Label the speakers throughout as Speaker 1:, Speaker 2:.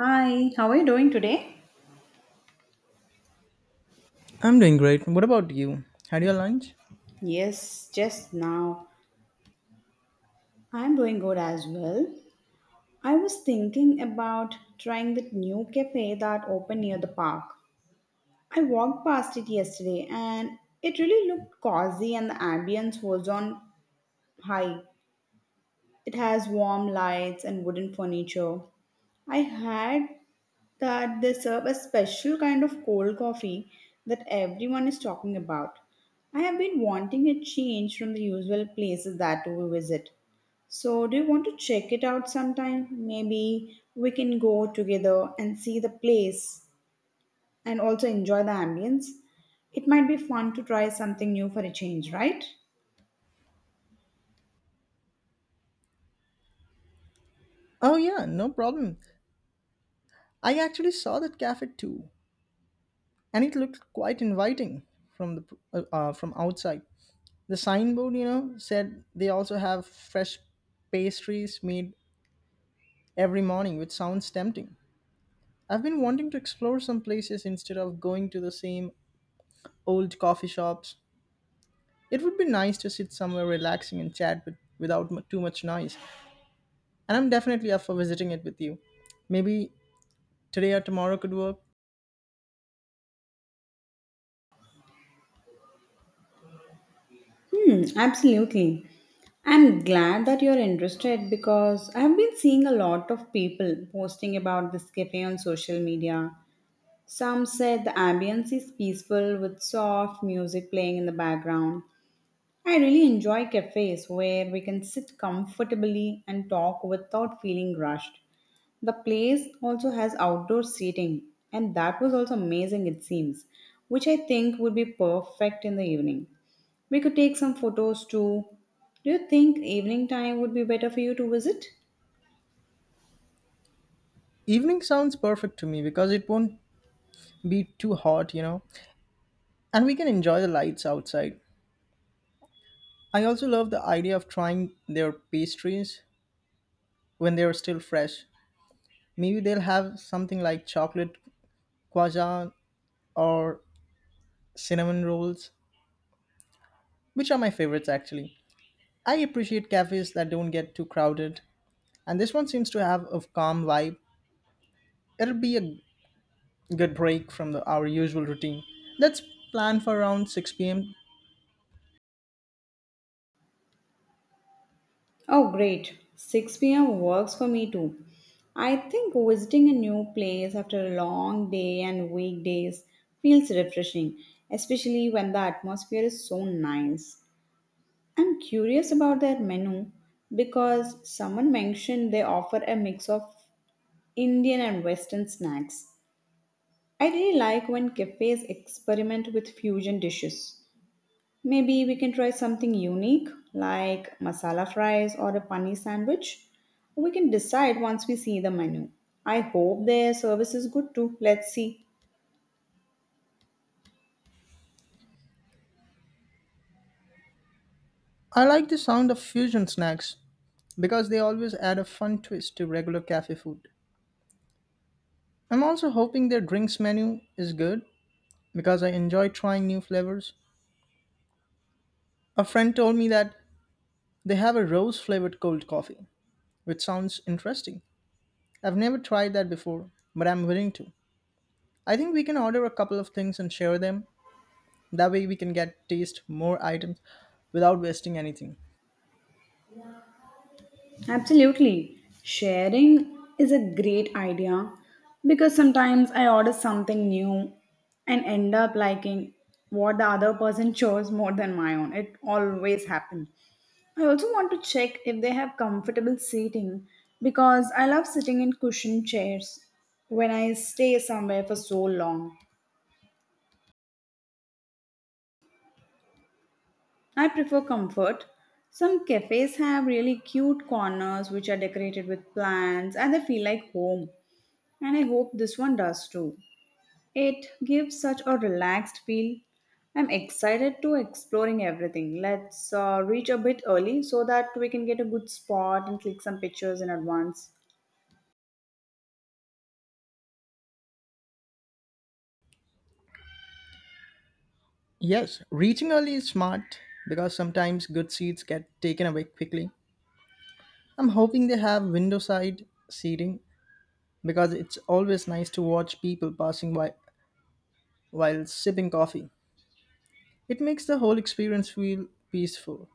Speaker 1: Hi, how are you doing today?
Speaker 2: I'm doing great. What about you? Had your lunch?
Speaker 1: Yes, just now. I'm doing good as well. I was thinking about trying that new cafe that opened near the park. I walked past it yesterday and it really looked cozy and the ambience was on high. It has warm lights and wooden furniture. I had that they serve a special kind of cold coffee that everyone is talking about. I have been wanting a change from the usual places that we visit. So, do you want to check it out sometime? Maybe we can go together and see the place and also enjoy the ambience. It might be fun to try something new for a change, right?
Speaker 2: Oh, yeah, no problem. I actually saw that cafe too, and it looked quite inviting from the from outside. The signboard, said they also have fresh pastries made every morning, which sounds tempting. I've been wanting to explore some places instead of going to the same old coffee shops. It would be nice to sit somewhere relaxing and chat with, without too much noise. And I'm definitely up for visiting it with you. Maybe today or tomorrow could work.
Speaker 1: Hmm, absolutely. I'm glad that you're interested because I've been seeing a lot of people posting about this cafe on social media. Some said the ambience is peaceful with soft music playing in the background. I really enjoy cafes where we can sit comfortably and talk without feeling rushed. The place also has outdoor seating, and that was also amazing, it seems, which I think would be perfect in the evening. We could take some photos too. Do you think evening time would be better for you to visit?
Speaker 2: Evening sounds perfect to me because it won't be too hot, and we can enjoy the lights outside. I also love the idea of trying their pastries when they are still fresh. Maybe they'll have something like chocolate croissant or cinnamon rolls, which are my favorites actually. I appreciate cafes that don't get too crowded, and this one seems to have a calm vibe. It'll be a good break from our usual routine. Let's plan for around 6 p.m.
Speaker 1: Oh, great. 6 p.m. works for me too. I think visiting a new place after a long day and weekdays feels refreshing, especially when the atmosphere is so nice. I'm curious about their menu because someone mentioned they offer a mix of Indian and Western snacks. I really like when cafes experiment with fusion dishes. Maybe we can try something unique like masala fries or a paneer sandwich. We can decide once we see the menu. I hope their service is good too. Let's see.
Speaker 2: I like the sound of fusion snacks because they always add a fun twist to regular cafe food. I'm also hoping their drinks menu is good because I enjoy trying new flavors. A friend told me that they have a rose flavored cold coffee, which sounds interesting. I've never tried that before, but I'm willing to. I think we can order a couple of things and share them. That way we can get taste more items without wasting anything.
Speaker 1: Absolutely. Sharing is a great idea because sometimes I order something new and end up liking what the other person chose more than my own. It always happens. I also want to check if they have comfortable seating because I love sitting in cushioned chairs when I stay somewhere for so long. I prefer comfort. Some cafes have really cute corners which are decorated with plants and they feel like home, and I hope this one does too. It gives such a relaxed feel. I'm excited to exploring everything. Let's reach a bit early so that we can get a good spot and click some pictures in advance.
Speaker 2: Yes, reaching early is smart because sometimes good seats get taken away quickly. I'm hoping they have window side seating because it's always nice to watch people passing by while sipping coffee. It makes the whole experience feel peaceful.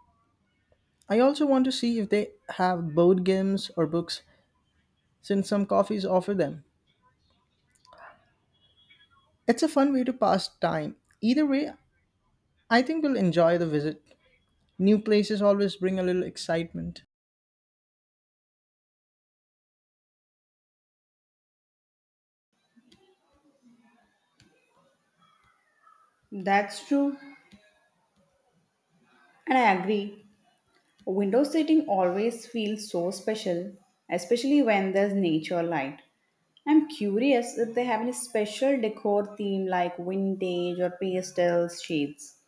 Speaker 2: I also want to see if they have board games or books since some coffees offer them. It's a fun way to pass time. Either way, I think we'll enjoy the visit. New places always bring a little excitement.
Speaker 1: That's true, and I agree. Window seating always feels so special, especially when there's nature light. I'm curious if they have any special decor theme like vintage or pastel shades.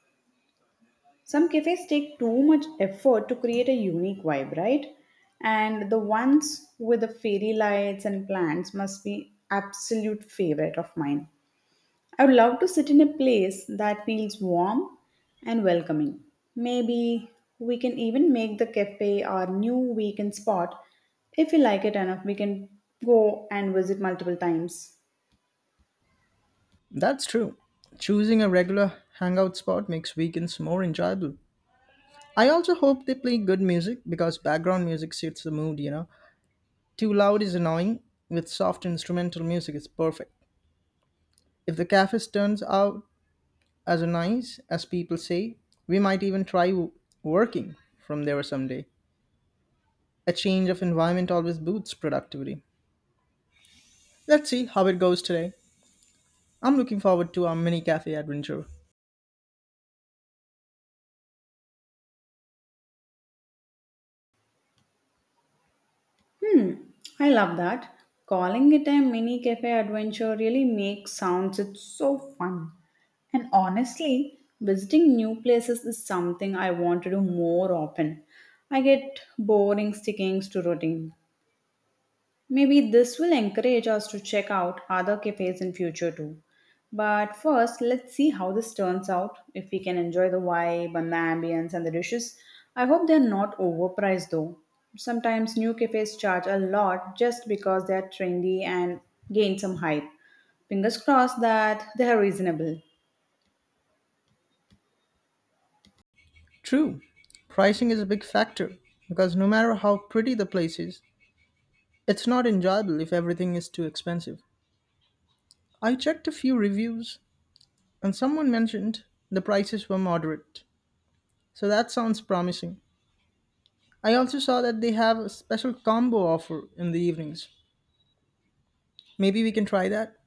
Speaker 1: Some cafes take too much effort to create a unique vibe, right? And the ones with the fairy lights and plants must be absolute favorite of mine. I would love to sit in a place that feels warm and welcoming. Maybe we can even make the cafe our new weekend spot. If we like it enough, we can go and visit multiple times.
Speaker 2: That's true. Choosing a regular hangout spot makes weekends more enjoyable. I also hope they play good music because background music suits the mood, you know. Too loud is annoying, with soft instrumental music is perfect. If the cafes turns out as nice as people say, we might even try working from there someday. A change of environment always boosts productivity. Let's see how it goes today. I'm looking forward to our mini cafe adventure.
Speaker 1: I love that. Calling it a mini cafe adventure really makes sounds it's so fun. And honestly, visiting new places is something I want to do more often. I get boring sticking to routine. Maybe this will encourage us to check out other cafes in future too. But first, let's see how this turns out. If we can enjoy the vibe and the ambience and the dishes, I hope they're not overpriced though. Sometimes new cafes charge a lot just because they're trendy and gain some hype. Fingers crossed that they are reasonable.
Speaker 2: True, pricing is a big factor because no matter how pretty the place is, it's not enjoyable if everything is too expensive. I checked a few reviews and someone mentioned the prices were moderate, so that sounds promising. I also saw that they have a special combo offer in the evenings. Maybe we can try that.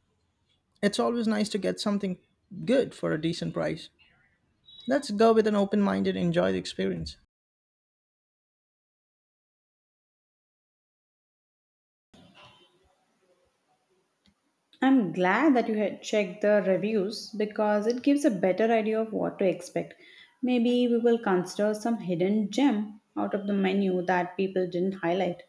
Speaker 2: It's always nice to get something good for a decent price. Let's go with an open mind and enjoy the experience.
Speaker 1: I'm glad that you had checked the reviews because it gives a better idea of what to expect. Maybe we will consider some hidden gem out of the menu that people didn't highlight.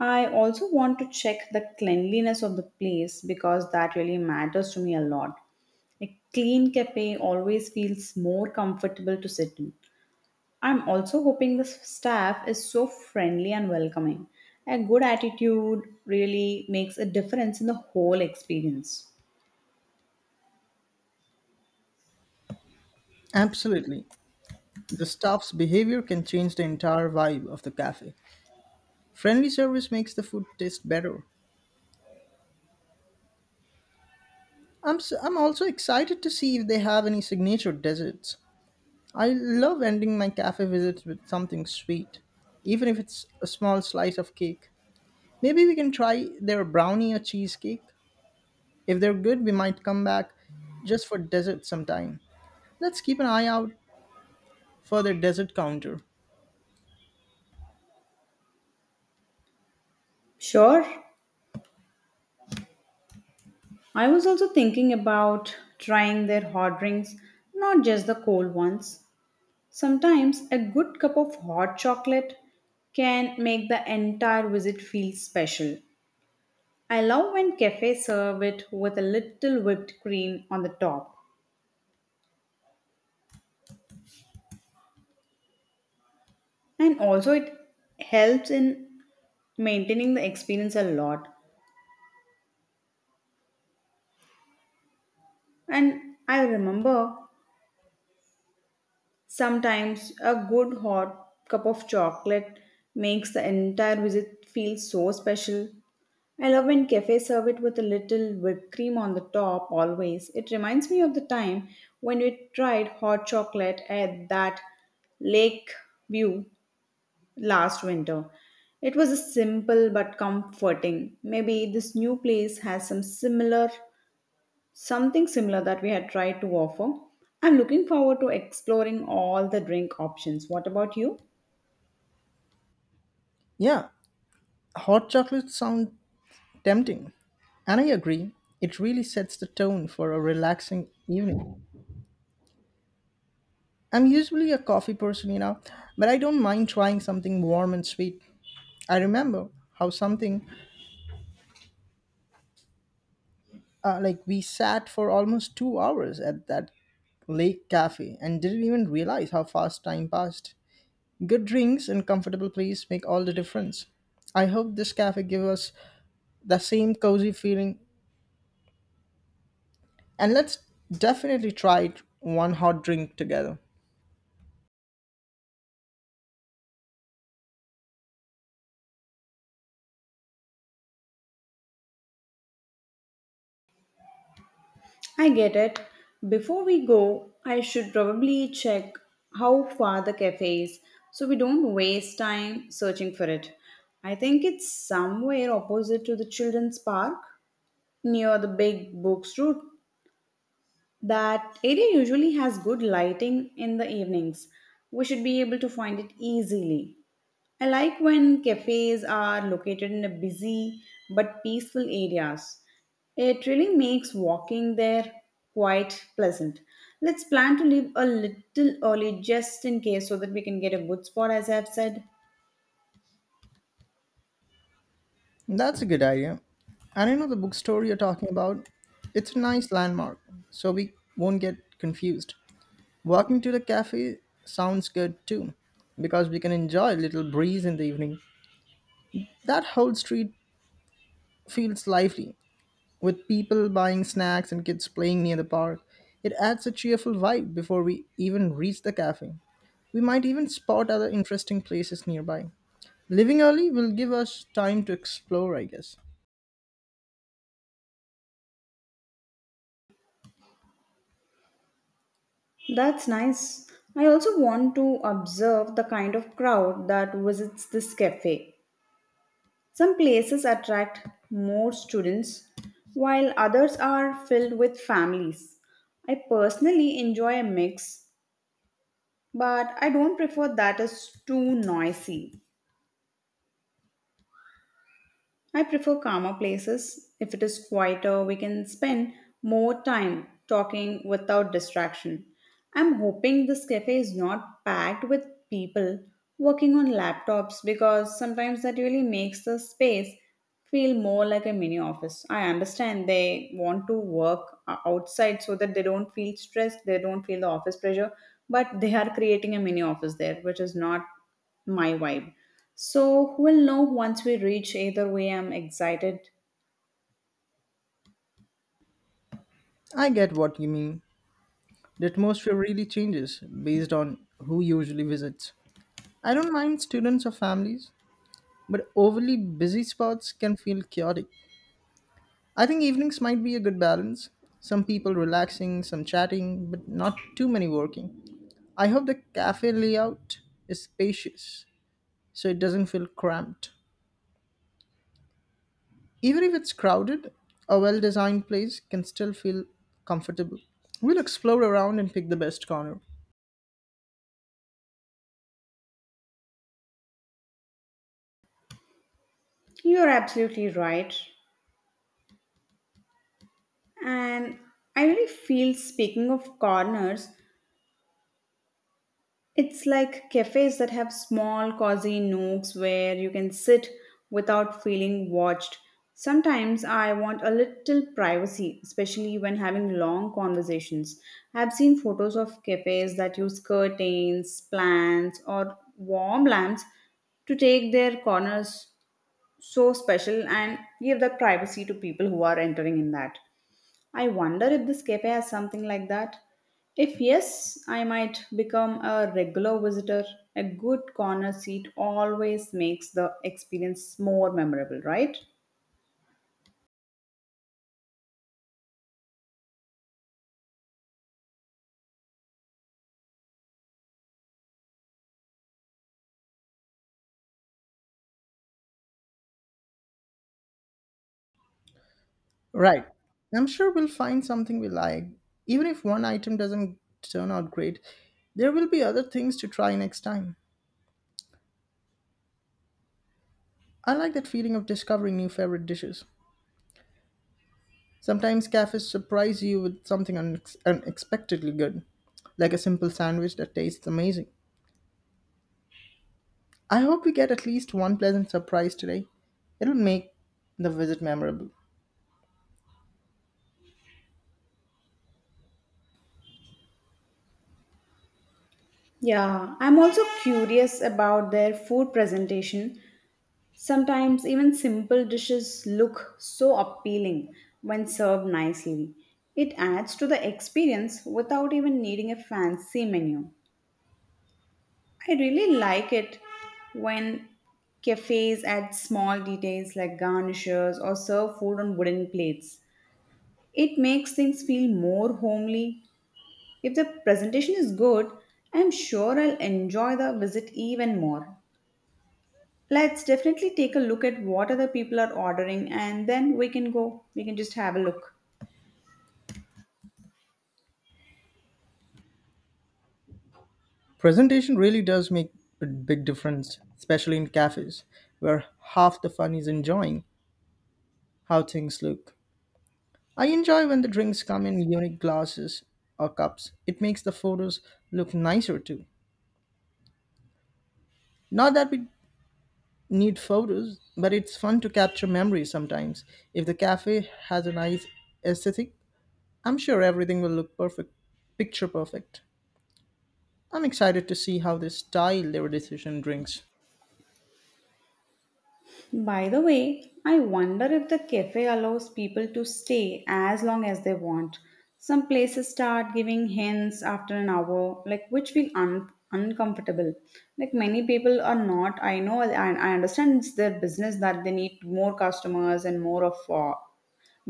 Speaker 1: I also want to check the cleanliness of the place because that really matters to me a lot. A clean cafe always feels more comfortable to sit in. I'm also hoping the staff is so friendly and welcoming. A good attitude really makes a difference in the whole experience.
Speaker 2: Absolutely. The staff's behavior can change the entire vibe of the cafe. Friendly service makes the food taste better. I'm also excited to see if they have any signature desserts. I love ending my cafe visits with something sweet, even if it's a small slice of cake. Maybe we can try their brownie or cheesecake. If they're good, we might come back just for dessert sometime. Let's keep an eye out for their dessert counter.
Speaker 1: Sure. I was also thinking about trying their hot drinks, not just the cold ones. Sometimes a good cup of hot chocolate can make the entire visit feel special. I love when cafes serve it with a little whipped cream on the top. And also it helps in maintaining the experience a lot. And I remember, sometimes a good hot cup of chocolate makes the entire visit feel so special. I love when cafes serve it with a little whipped cream on the top always. It reminds me of the time when we tried hot chocolate at that lake view last winter. It was a simple but comforting. Maybe this new place has some similar, something similar that we had tried to offer. I'm looking forward to exploring all the drink options. What about you?
Speaker 2: Yeah, hot chocolates sound tempting. And I agree, it really sets the tone for a relaxing evening. I'm usually a coffee person, but I don't mind trying something warm and sweet. I remember how something like we sat for almost 2 hours at that lake cafe and didn't even realize how fast time passed. Good drinks and comfortable place make all the difference. I hope this cafe gives us the same cozy feeling and let's definitely try it one hot drink together.
Speaker 1: I get it. Before we go, I should probably check how far the cafe is so we don't waste time searching for it. I think it's somewhere opposite to the children's park near the big books route. That area usually has good lighting in the evenings. We should be able to find it easily. I like when cafes are located in a busy but peaceful areas. It really makes walking there quite pleasant. Let's plan to leave a little early just in case so that we can get a good spot, as I've said.
Speaker 2: That's a good idea. And I know the bookstore you're talking about, it's a nice landmark, so we won't get confused. Walking to the cafe sounds good too, because we can enjoy a little breeze in the evening. That whole street feels lively, with people buying snacks and kids playing near the park. It adds a cheerful vibe before we even reach the cafe. We might even spot other interesting places nearby. Leaving early will give us time to explore, I guess.
Speaker 1: That's nice. I also want to observe the kind of crowd that visits this cafe. Some places attract more students, while others are filled with families. I personally enjoy a mix, but I don't prefer that is too noisy. I prefer calmer places. If it is quieter, we can spend more time talking without distraction. I'm hoping this cafe is not packed with people working on laptops because sometimes that really makes the space feel more like a mini office. I understand they want to work outside so that they don't feel stressed, they don't feel the office pressure, but they are creating a mini office there, which is not my vibe. So we'll know once we reach. Either way, I'm excited.
Speaker 2: I get what you mean. The atmosphere really changes based on who usually visits. I don't mind students or families, but overly busy spots can feel chaotic. I think evenings might be a good balance. Some people relaxing, some chatting, but not too many working. I hope the cafe layout is spacious so it doesn't feel cramped. Even if it's crowded, a well designed place can still feel comfortable. We'll explore around and pick the best corner.
Speaker 1: You're absolutely right. And I really feel, speaking of corners, it's like cafes that have small, cozy nooks where you can sit without feeling watched. Sometimes I want a little privacy, especially when having long conversations. I've seen photos of cafes that use curtains, plants, or warm lamps to take their corners so special and give that privacy to people who are entering in that. I wonder if this cafe has something like that. If yes, I might become a regular visitor. A good corner seat always makes the experience more memorable, right?
Speaker 2: Right. I'm sure we'll find something we like. Even if one item doesn't turn out great, there will be other things to try next time. I like that feeling of discovering new favorite dishes. Sometimes cafes surprise you with something unexpectedly good, like a simple sandwich that tastes amazing. I hope we get at least one pleasant surprise today. It'll make the visit memorable.
Speaker 1: Yeah, I'm also curious about their food presentation. Sometimes even simple dishes look so appealing when served nicely. It adds to the experience without even needing a fancy menu. I really like it when cafes add small details like garnishes or serve food on wooden plates. It makes things feel more homely. If the presentation is good, I'm sure I'll enjoy the visit even more. Let's definitely take a look at what other people are ordering and then we can go. We can just have a look.
Speaker 2: Presentation really does make a big difference, especially in cafes, where half the fun is enjoying how things look. I enjoy when the drinks come in unique glasses or cups. It makes the photos look nicer too. Not that we need photos, but it's fun to capture memories sometimes. If the cafe has a nice aesthetic, I'm sure everything will look perfect, picture perfect. I'm excited to see how they style their decision drinks.
Speaker 1: By the way, I wonder if the cafe allows people to stay as long as they want. Some places start giving hints after an hour, like which feel uncomfortable. Like many people are not. I know, I understand it's their business that they need more customers and more of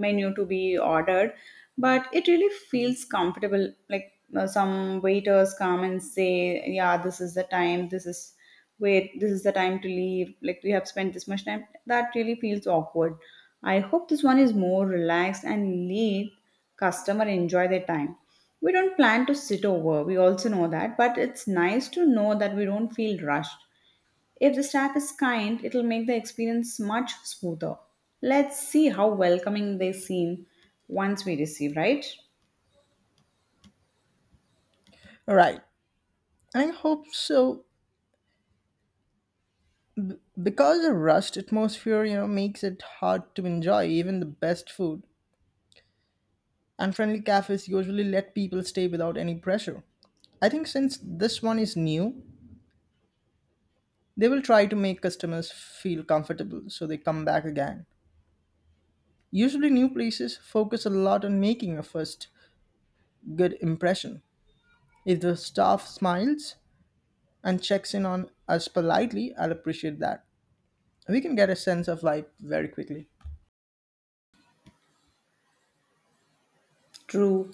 Speaker 1: menu to be ordered, but it really feels comfortable, like some waiters come and say, yeah, this is the time, this is wait, this is the time to leave, like we have spent this much time. That really feels awkward. I hope this one is more relaxed and let customer enjoy their time. We don't plan to sit over, we also know that, but it's nice to know that we don't feel rushed. If the staff is kind, it'll make the experience much smoother. Let's see how welcoming they seem once we receive, right?
Speaker 2: All right, I hope so. Because the rust atmosphere, makes it hard to enjoy even the best food. And friendly cafes usually let people stay without any pressure. I think since this one is new, they will try to make customers feel comfortable so they come back again. Usually, new places focus a lot on making a first good impression. If the staff smiles and checks in on us politely, I'll appreciate that. We can get a sense of life very quickly.
Speaker 1: True.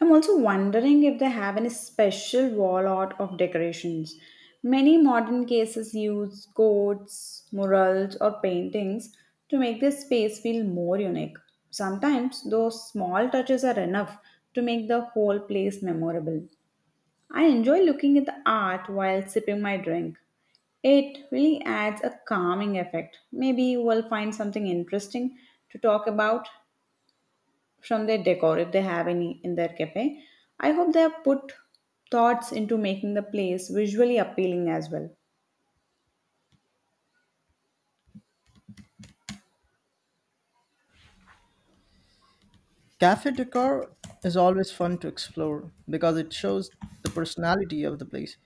Speaker 1: I'm also wondering if they have any special wall art of decorations. Many modern cases use coats, murals, or paintings to make their space feel more unique. Sometimes those small touches are enough to make the whole place memorable. I enjoy looking at the art while sipping my drink. It really adds a calming effect. Maybe we'll find something interesting to talk about from their decor if they have any in their cafe. I hope they have put thoughts into making the place visually appealing as well.
Speaker 2: Cafe decor is always fun to explore because it shows the personality of the place.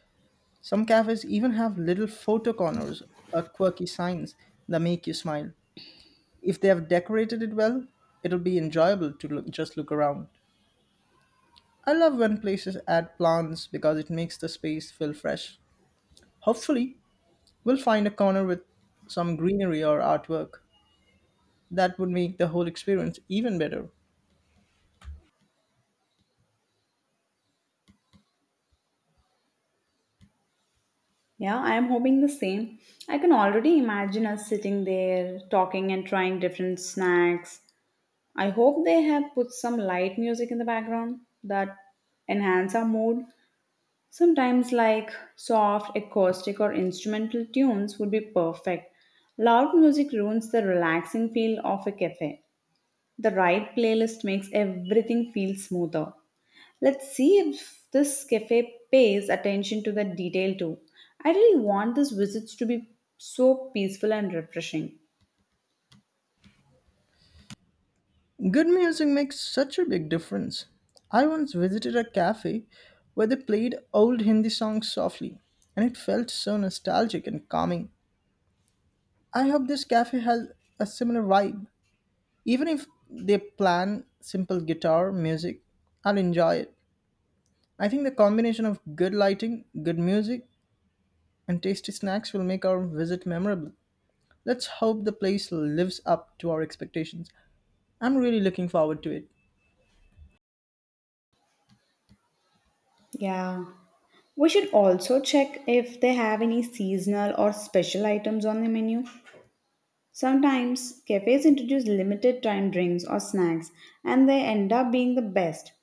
Speaker 2: Some cafes even have little photo corners or quirky signs that make you smile. If they have decorated it well, it'll be enjoyable to look, just look around. I love when places add plants because it makes the space feel fresh. Hopefully, we'll find a corner with some greenery or artwork. That would make the whole experience even better.
Speaker 1: Yeah, I am hoping the same. I can already imagine us sitting there talking and trying different snacks. I hope they have put some light music in the background that enhance our mood. Sometimes, like soft, acoustic, or instrumental tunes would be perfect. Loud music ruins the relaxing feel of a cafe. The right playlist makes everything feel smoother. Let's see if this cafe pays attention to the detail too. I really want these visits to be so peaceful and refreshing.
Speaker 2: Good music makes such a big difference. I once visited a cafe where they played old Hindi songs softly, and it felt so nostalgic and calming. I hope this cafe has a similar vibe. Even if they plan simple guitar music, I'll enjoy it. I think the combination of good lighting, good music, and tasty snacks will make our visit memorable. Let's hope the place lives up to our expectations. I'm really looking forward to it.
Speaker 1: Yeah. We should also check if they have any seasonal or special items on the menu. Sometimes cafes introduce limited time drinks or snacks, and they end up being the best.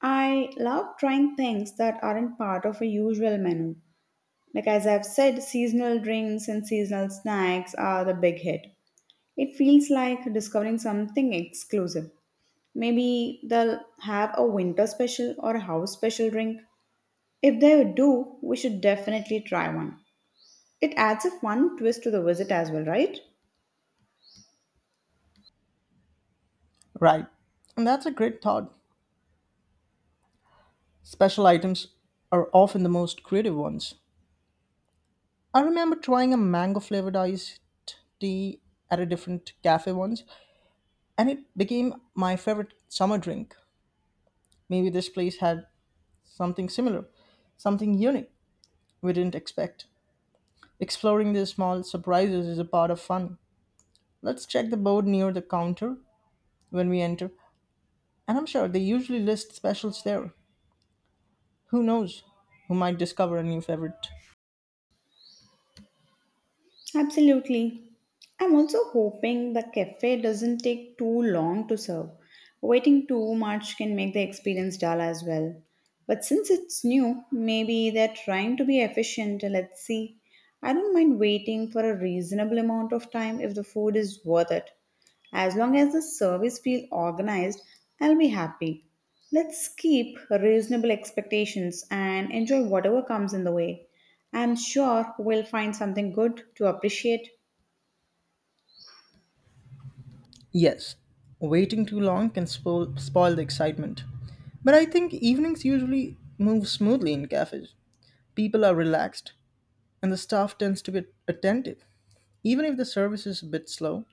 Speaker 1: I love trying things that aren't part of a usual menu. Like as I've said, seasonal drinks and seasonal snacks are the big hit. It feels like discovering something exclusive. Maybe they'll have a winter special or a house special drink. If they do, we should definitely try one. It adds a fun twist to the visit as well, right?
Speaker 2: Right. And that's a great thought. Special items are often the most creative ones. I remember trying a mango flavored iced tea at a different cafe once, and it became my favorite summer drink. Maybe this place had something similar, something unique we didn't expect. Exploring these small surprises is a part of fun. Let's check the board near the counter when we enter, and I'm sure they usually list specials there. Who knows? Who might discover a new favorite?
Speaker 1: Absolutely. I'm also hoping the cafe doesn't take too long to serve. Waiting too much can make the experience dull as well. But since it's new, maybe they're trying to be efficient. Let's see. I don't mind waiting for a reasonable amount of time if the food is worth it. As long as the service feels organized, I'll be happy. Let's keep reasonable expectations and enjoy whatever comes in the way. I'm sure we'll find something good to appreciate.
Speaker 2: Yes, waiting too long can spoil the excitement. But I think evenings usually move smoothly in cafes. People are relaxed, and the staff tends to be attentive. Even if the service is a bit slow,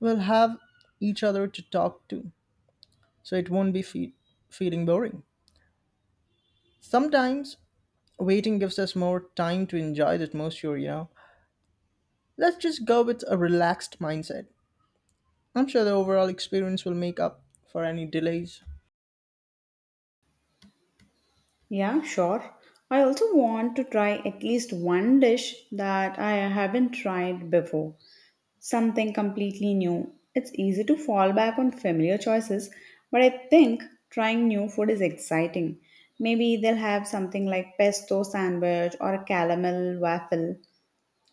Speaker 2: we'll have each other to talk to, so it won't be feeling boring. Sometimes waiting gives us more time to enjoy the atmosphere, Let's just go with a relaxed mindset. I'm sure the overall experience will make up for any delays.
Speaker 1: Yeah, sure. I also want to try at least one dish that I haven't tried before, something completely new. It's easy to fall back on familiar choices, but I think trying new food is exciting. Maybe they'll have something like pesto sandwich or a caramel waffle.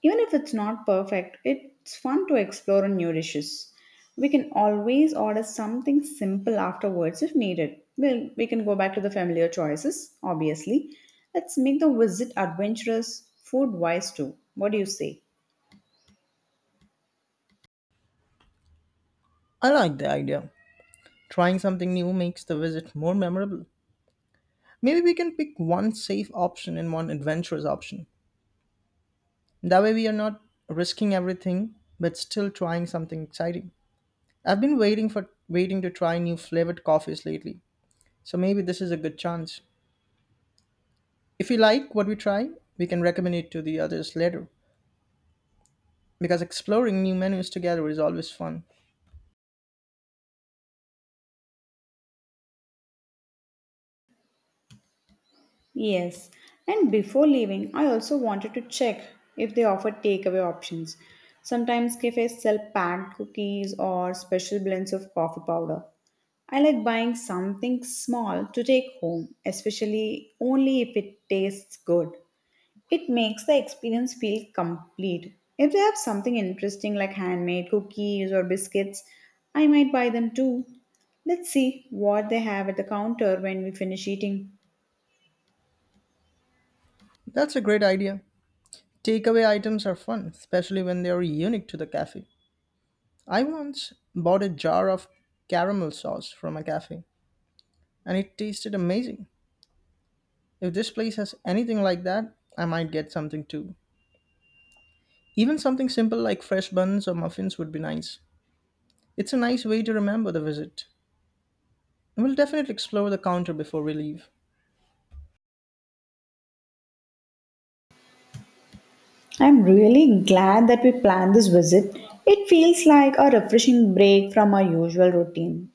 Speaker 1: Even if it's not perfect, it's fun to explore new dishes. We can always order something simple afterwards if needed. Well, we can go back to the familiar choices, obviously. Let's make the visit adventurous, food wise too. What do you say?
Speaker 2: I like the idea. Trying something new makes the visit more memorable. Maybe we can pick one safe option and one adventurous option. That way, we are not risking everything but still trying something exciting. I've been waiting to try new flavored coffees lately, so maybe this is a good chance. If you like what we try, we can recommend it to the others later, because exploring new menus together is always fun.
Speaker 1: Yes, and before leaving, I also wanted to check if they offer takeaway options. Sometimes cafes sell packed cookies or special blends of coffee powder. I like buying something small to take home, especially only if it tastes good. It makes the experience feel complete. If they have something interesting like handmade cookies or biscuits, I might buy them too. Let's see what they have at the counter when we finish eating.
Speaker 2: That's a great idea. Takeaway items are fun, especially when they are unique to the cafe. I once bought a jar of caramel sauce from a cafe, and it tasted amazing. If this place has anything like that, I might get something too. Even something simple like fresh buns or muffins would be nice. It's a nice way to remember the visit. We'll definitely explore the counter before we leave.
Speaker 1: I'm really glad that we planned this visit. It feels like a refreshing break from our usual routine.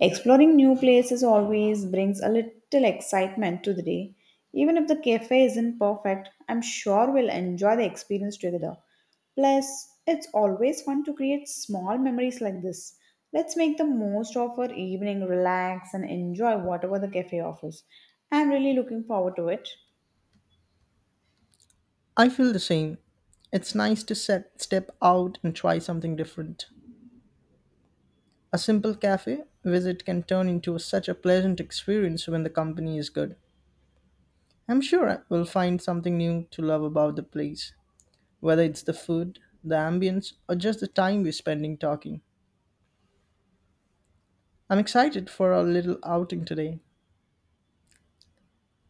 Speaker 1: Exploring new places always brings a little excitement to the day. Even if the cafe isn't perfect, I'm sure we'll enjoy the experience together. Plus, it's always fun to create small memories like this. Let's make the most of our evening, relax, and enjoy whatever the cafe offers. I'm really looking forward to it.
Speaker 2: I feel the same. It's nice to step out and try something different. A simple cafe visit can turn into such a pleasant experience when the company is good. I'm sure I will find something new to love about the place, whether it's the food, the ambience, or just the time we're spending talking. I'm excited for our little outing today.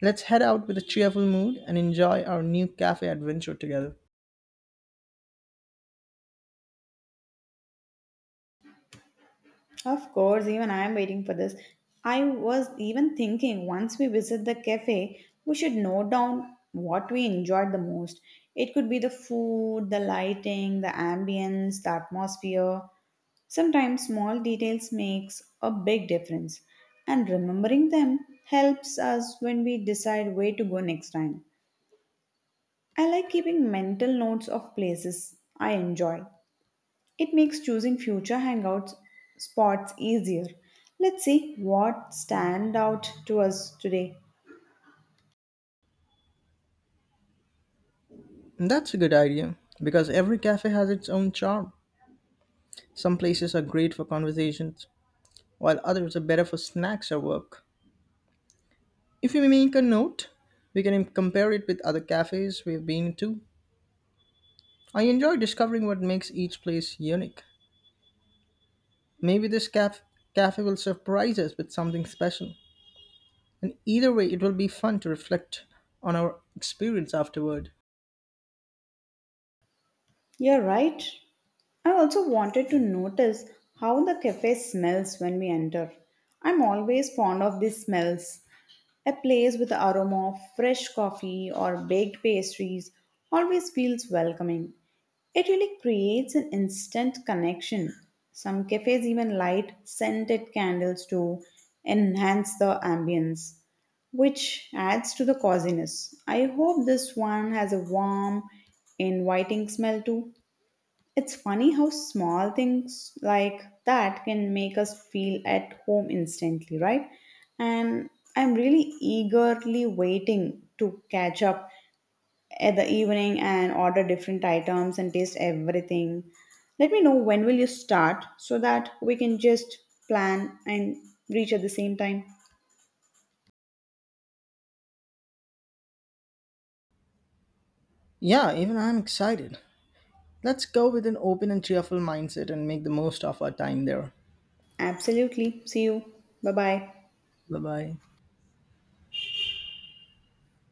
Speaker 2: Let's head out with a cheerful mood and enjoy our new cafe adventure together.
Speaker 1: Of course, even I am waiting for this. I was even thinking, once we visit the cafe, we should note down what we enjoyed the most. It could be the food, the lighting, the ambience, the atmosphere. Sometimes small details makes a big difference, and remembering them helps us when we decide where to go next time. I like keeping mental notes of places I enjoy; it makes choosing future hangout spots easier. Let's see what stand out to us today.
Speaker 2: That's a good idea because every cafe has its own charm. Some places are great for conversations, while others are better for snacks or work. If you make a note, we can compare it with other cafes we've been to. I enjoy discovering what makes each place unique. Maybe this cafe will surprise us with something special. And either way, it will be fun to reflect on our experience afterward.
Speaker 1: You're right. I also wanted to notice how the cafe smells when we enter. I'm always fond of these smells. A place with the aroma of fresh coffee or baked pastries always feels welcoming. It really creates an instant connection. Some cafes even light scented candles to enhance the ambience, which adds to the coziness. I hope this one has a warm, inviting smell too. It's funny how small things like that can make us feel at home instantly, right? And I'm really eagerly waiting to catch up at the evening and order different items and taste everything. Let me know when will you start so that we can just plan and reach at the same time.
Speaker 2: Yeah, even I'm excited. Let's go with an open and cheerful mindset and make the most of our time there.
Speaker 1: Absolutely. See you. Bye-bye.
Speaker 2: Bye bye.